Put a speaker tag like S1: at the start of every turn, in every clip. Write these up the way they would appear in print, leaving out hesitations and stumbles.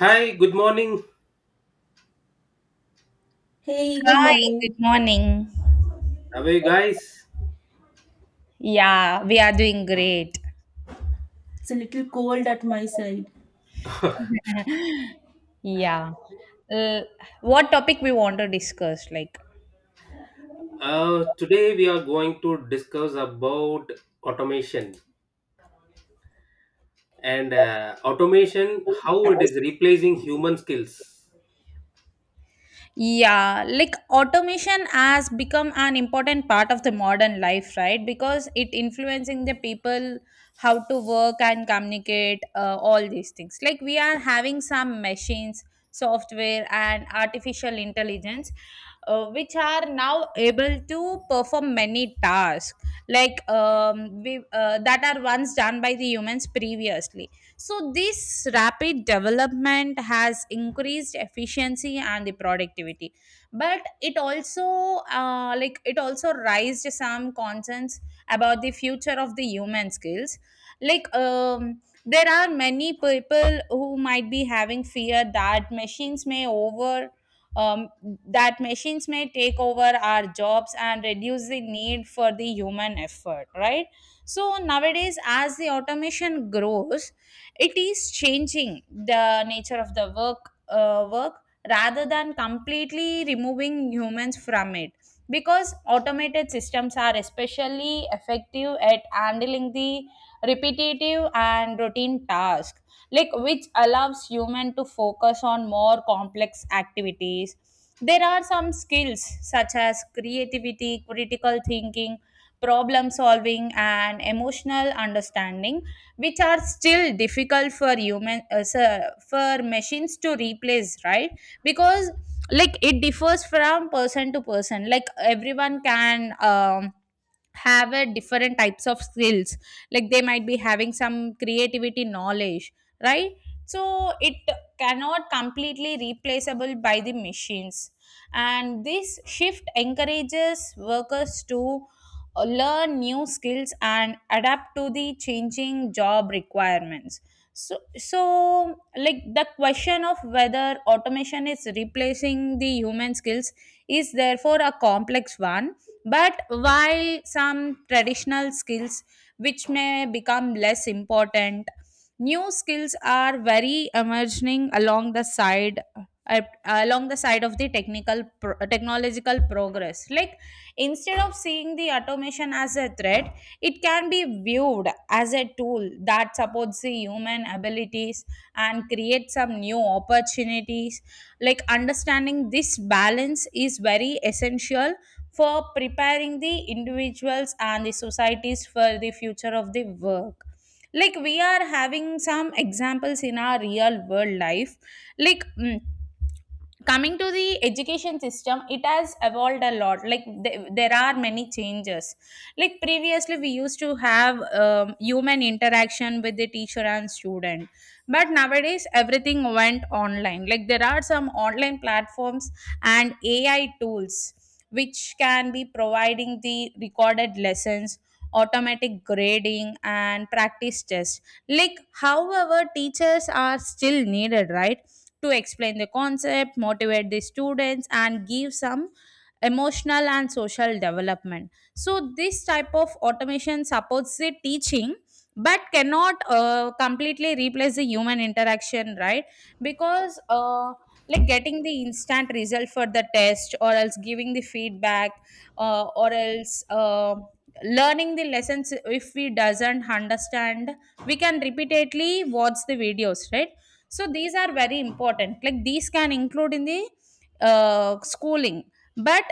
S1: Hi, good morning.
S2: Hey, good
S3: Hi, good
S2: morning.
S3: morning.
S1: How are you guys?
S3: Yeah, we are doing great.
S2: It's a little cold at my side.
S3: Yeah. Uh, what topic we want to discuss?
S1: Today we are going to discuss about automation and automation, how it is replacing human skills.
S3: Yeah, like automation has become an important part of the modern life, right? Because it influencing the people how to work and communicate, all these things. Like we are having some machines, software, and artificial intelligence, which are now able to perform many tasks like that are once done by the humans previously, so this rapid development has increased efficiency and the productivity, but it also like it also raised some concerns about the future of the human skills. Like um, there are many people who might be having fear that machines may over. Um, that machines may take over our jobs and reduce the need for the human effort, right? So nowadays, as the automation grows, it is changing the nature of the work rather than completely removing humans from it, because automated systems are especially effective at handling the repetitive and routine tasks, like which allows human to focus on more complex activities. There are some skills such as creativity, critical thinking, problem solving, and emotional understanding which are still difficult for for machines to replace, right? Because, like, it differs from person to person. Like, everyone can have a different types of skills. Like, they might be having some creativity knowledge, right? So it cannot completely replaceable by the machines, and this shift encourages workers to learn new skills and adapt to the changing job requirements. So, like, the question of whether automation is replacing the human skills is therefore a complex one. But while some traditional skills which may become less important, new skills are very emerging along the side of the technological progress. Like, instead of seeing the automation as a threat, it can be viewed as a tool that supports the human abilities and creates some new opportunities. Like, understanding this balance is very essential for preparing the individuals and the societies for the future of the work. Like, we are having some examples in our real world life. Like, coming to the education system, it has evolved a lot. Like, there are many changes. Like, previously we used to have human interaction with the teacher and student, but nowadays everything went online. Like, there are some online platforms and AI tools which can be providing the recorded lessons, automatic grading, and practice tests. Like, however, teachers are still needed, right? To explain the concept, motivate the students, and give some emotional and social development. So, this type of automation supports the teaching but cannot completely replace the human interaction, right? Because like, getting the instant result for the test or else giving the feedback, or else learning the lessons, if we doesn't understand, we can repeatedly watch the videos, right? So these are very important. Like, these can include in the schooling. But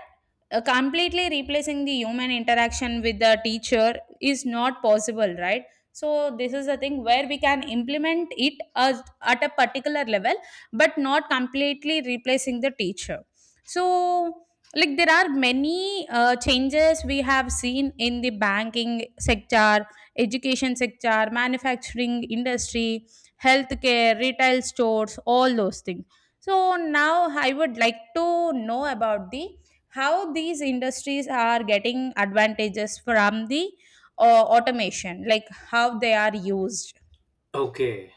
S3: completely replacing the human interaction with the teacher is not possible, right? So this is the thing where we can implement it as, at a particular level, but not completely replacing the teacher. So, like, there are many changes we have seen in the banking sector, education sector, manufacturing industry, healthcare, retail stores, all those things. So now I would like to know about the how these industries are getting advantages from the automation. Like, how they are used.
S1: Okay,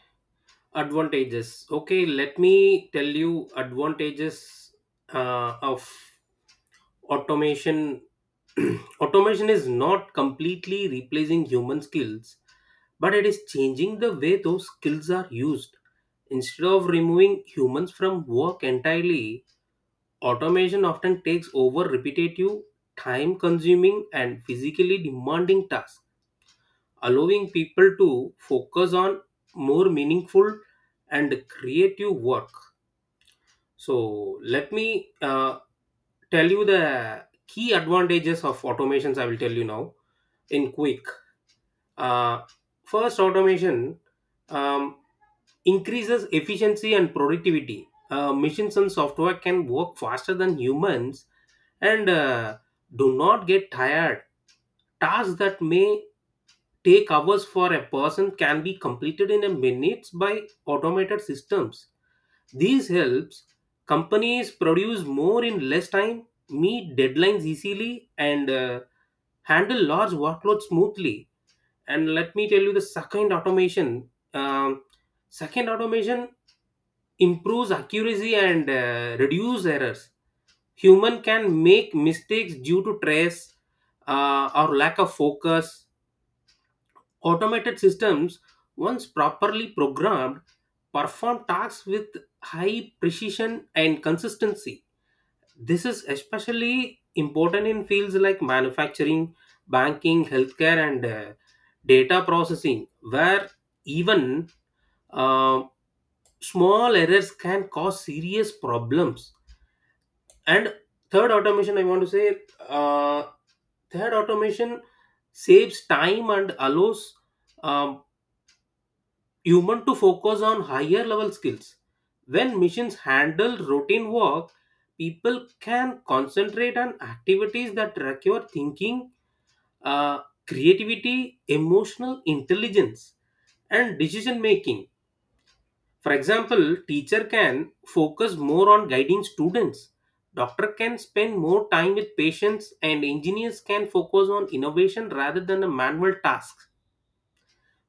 S1: advantages. Okay, let me tell you advantages of automation. Automation is not completely replacing human skills, but it is changing the way those skills are used. Instead of removing humans from work entirely, automation often takes over repetitive, time consuming, and physically demanding tasks, allowing people to focus on more meaningful and creative work. So let me tell you the key advantages of automations. I will tell you now in quick. Uh, First, automation um, increases efficiency and productivity. Machines and software can work faster than humans and do not get tired. Tasks that may take hours for a person can be completed in a minutes by automated systems. These helps companies produce more in less time, meet deadlines easily, and handle large workloads smoothly. And let me tell you the second automation. Um, Second automation improves accuracy and reduce errors. Human can make mistakes due to stress or lack of focus. Automated systems, once properly programmed, perform tasks with high precision and consistency. This is especially important in fields like manufacturing, banking, healthcare, and data processing, where even uh, small errors can cause serious problems. And third automation, I want to say, uh, third automation saves time and allows um, human to focus on higher level skills. When machines handle routine work, people can concentrate on activities that require thinking, uh, creativity, emotional intelligence, and decision making. For example, teacher can focus more on guiding students, doctor can spend more time with patients, and engineers can focus on innovation rather than the manual tasks.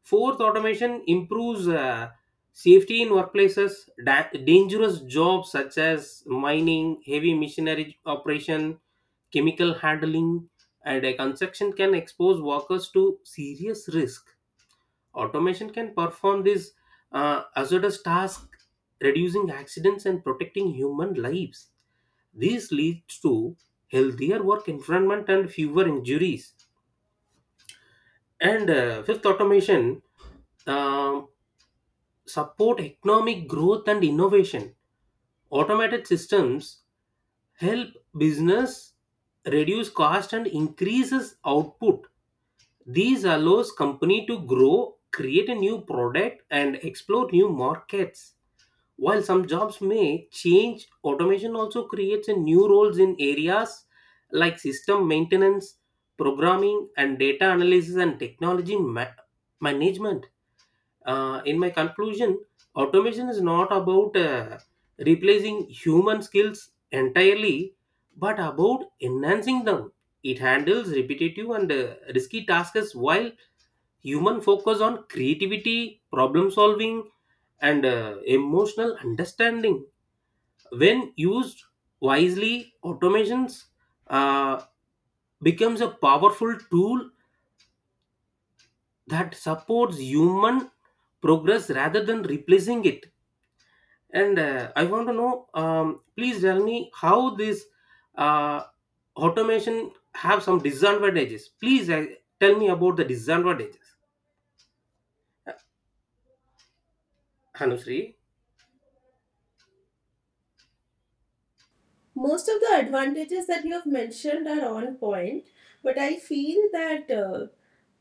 S1: Fourth, automation improves safety in workplaces. Dangerous jobs such as mining, heavy machinery operation, chemical handling, and construction can expose workers to serious risk. Automation can perform these hazardous tasks, reducing accidents and protecting human lives. This leads to healthier work environment and fewer injuries. And fifth, automation um, support economic growth and innovation. Automated systems help business reduce cost and increases output. These allows company to grow, create a new product, and explore new markets. While some jobs may change, automation also creates a new roles in areas like system maintenance, programming, and data analysis and management. In my conclusion, automation is not about replacing human skills entirely, but about enhancing them. It handles repetitive and risky tasks while human focus on creativity, problem solving, and emotional understanding. When used wisely, automations uh, becomes a powerful tool that supports human progress rather than replacing it. And I want to know, please tell me how this uh, automation have some disadvantages. Please tell me about the disadvantages, Hanusri.
S2: Most of the advantages that you have mentioned are on point, but I feel that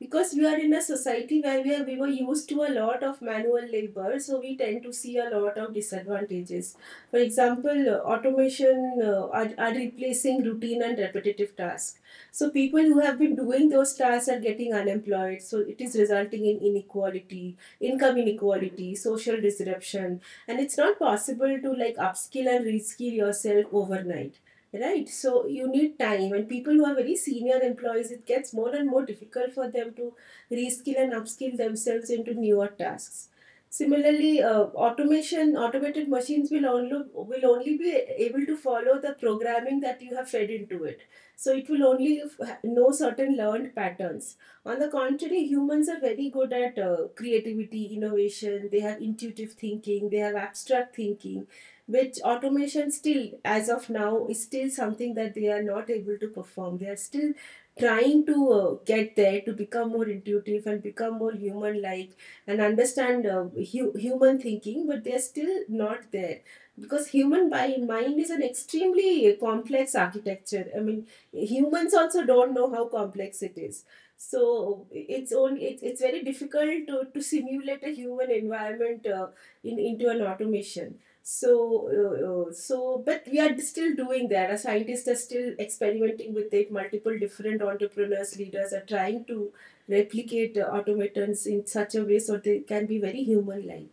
S2: because we are in a society where we were used to a lot of manual labor, so we tend to see a lot of disadvantages. For example, automation are replacing routine and repetitive tasks. So people who have been doing those tasks are getting unemployed, so it is resulting in inequality, income inequality, social disruption, and it's not possible to like upskill and reskill yourself overnight, right? So you need time, and people who are very senior employees, it gets more and more difficult for them to reskill and upskill themselves into newer tasks. Similarly, automation automated machines will only be able to follow the programming that you have fed into it, so it will only know certain learned patterns. On the contrary, humans are very good at creativity, innovation. They have intuitive thinking, they have abstract thinking, which automation still, as of now, is still something that they are not able to perform. They are still trying to get there, to become more intuitive and become more human like, and understand human thinking, but they are still not there. Because human mind is an extremely complex architecture. I mean, humans also don't know how complex it is, so it's only it's very difficult to simulate a human environment in into an automation. So so but we are still doing that. Our scientists are still experimenting with it. Multiple different entrepreneurs leaders are trying to replicate automatons in such a way so they can be very human like.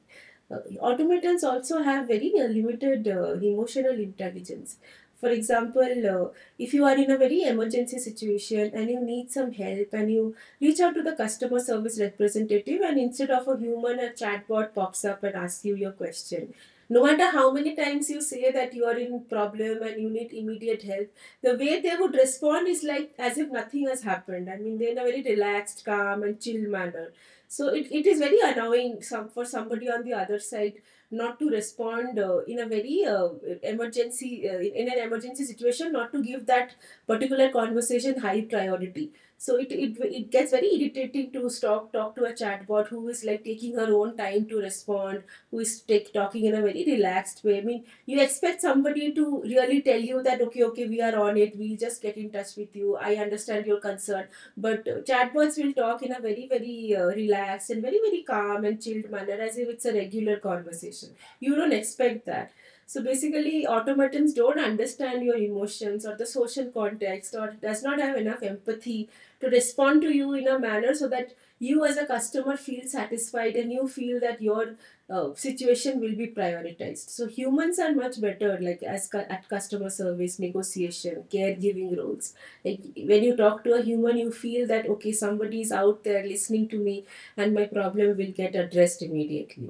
S2: Automatons also have very limited emotional intelligence. For example, if you are in a very emergency situation and you need some help, and you reach out to the customer service representative, and instead of a human, a chatbot pops up and asks you your question. No matter how many times you say that you are in problem and you need immediate help, the way they would respond is like as if nothing has happened. I mean, they're in a very relaxed, calm, and chill manner. So it is very annoying some for somebody on the other side not to respond in a very emergency in an emergency situation, not to give that particular conversation high priority. So it gets very irritating to stop talk to a chatbot who is like taking her own time to respond, who is talking in a very relaxed way. I mean, you expect somebody to really tell you that, okay, okay, we are on it, we'll just get in touch with you, I understand your concern. But chatbots will talk in a very, very relaxed and very, very calm and chilled manner as if it's a regular conversation. You don't expect that. So basically, automatons don't understand your emotions or the social context, or does not have enough empathy to respond to you in a manner so that you as a customer feel satisfied, and you feel that your situation will be prioritized. So humans are much better like as at customer service, negotiation, caregiving roles. Like, when you talk to a human, you feel that, okay, somebody is out there listening to me and my problem will get addressed immediately.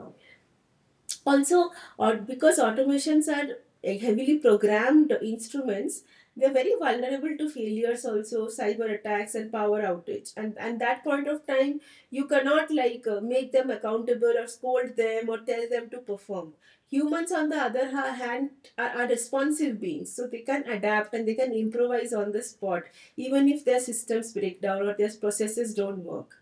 S2: Also, or because automations are heavily programmed instruments, they're very vulnerable to failures also, cyber attacks and power outage. And that point of time, you cannot like make them accountable or scold them or tell them to perform. Humans, on the other hand, are responsive beings, so they can adapt and they can improvise on the spot, even if their systems break down or their processes don't work.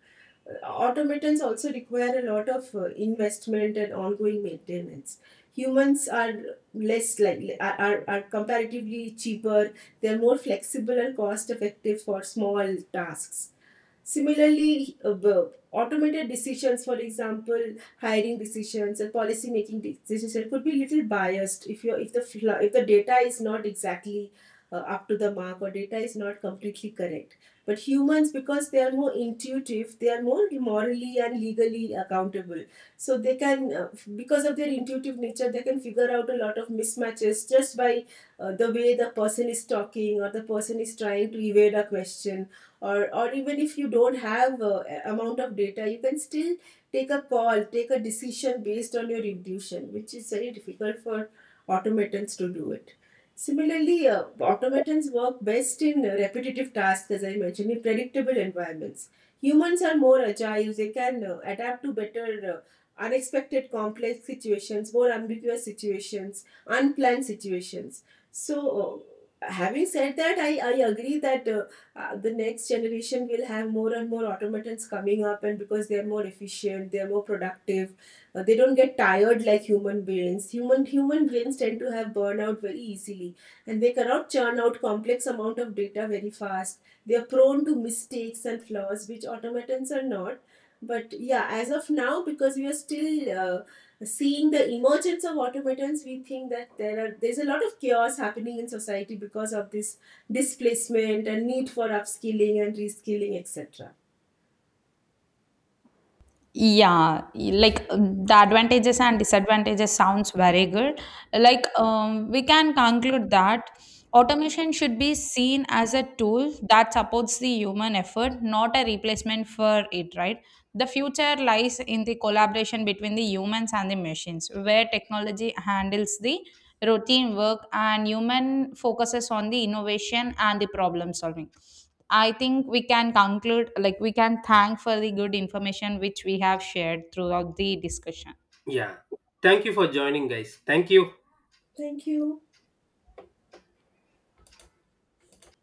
S2: Automatons also require a lot of investment and ongoing maintenance. Humans are less likely are comparatively cheaper, they're more flexible and cost effective for small tasks. Similarly, automated decisions, for example, hiring decisions and policy making decisions, could be a little biased if the data is not exactly up to the mark, or data is not completely correct. But humans, because they are more intuitive, they are more morally and legally accountable. So they can, because of their intuitive nature, they can figure out a lot of mismatches just by the way the person is talking or the person is trying to evade a question. Or even if you don't have amount of data, you can still take a call, take a decision based on your intuition, which is very difficult for automatons to do it. Similarly, automatons work best in repetitive tasks, as I mentioned, in predictable environments. Humans are more agile, they can adapt to better unexpected complex situations, more ambiguous situations, unplanned situations. So having said that, I agree that the next generation will have more and more automatons coming up, and because they are more efficient, they are more productive. They don't get tired like human brains. Human brains tend to have burnout very easily, and they cannot churn out complex amount of data very fast. They are prone to mistakes and flaws, which automatons are not. But yeah, as of now, because we are still seeing the emergence of automatons, we think that there's a lot of chaos happening in society because of this displacement and need for upskilling and reskilling, etc.
S3: Yeah, the advantages and disadvantages sounds very good. Like, we can conclude that automation should be seen as a tool that supports the human effort, not a replacement for it, right? The future lies in the collaboration between the humans and the machines, where technology handles the routine work and human focuses on the innovation and the problem solving. I think we can conclude, like, we can thank for the good information which we have shared throughout the discussion.
S1: Yeah. Thank you for joining, guys. Thank you.
S2: Thank you.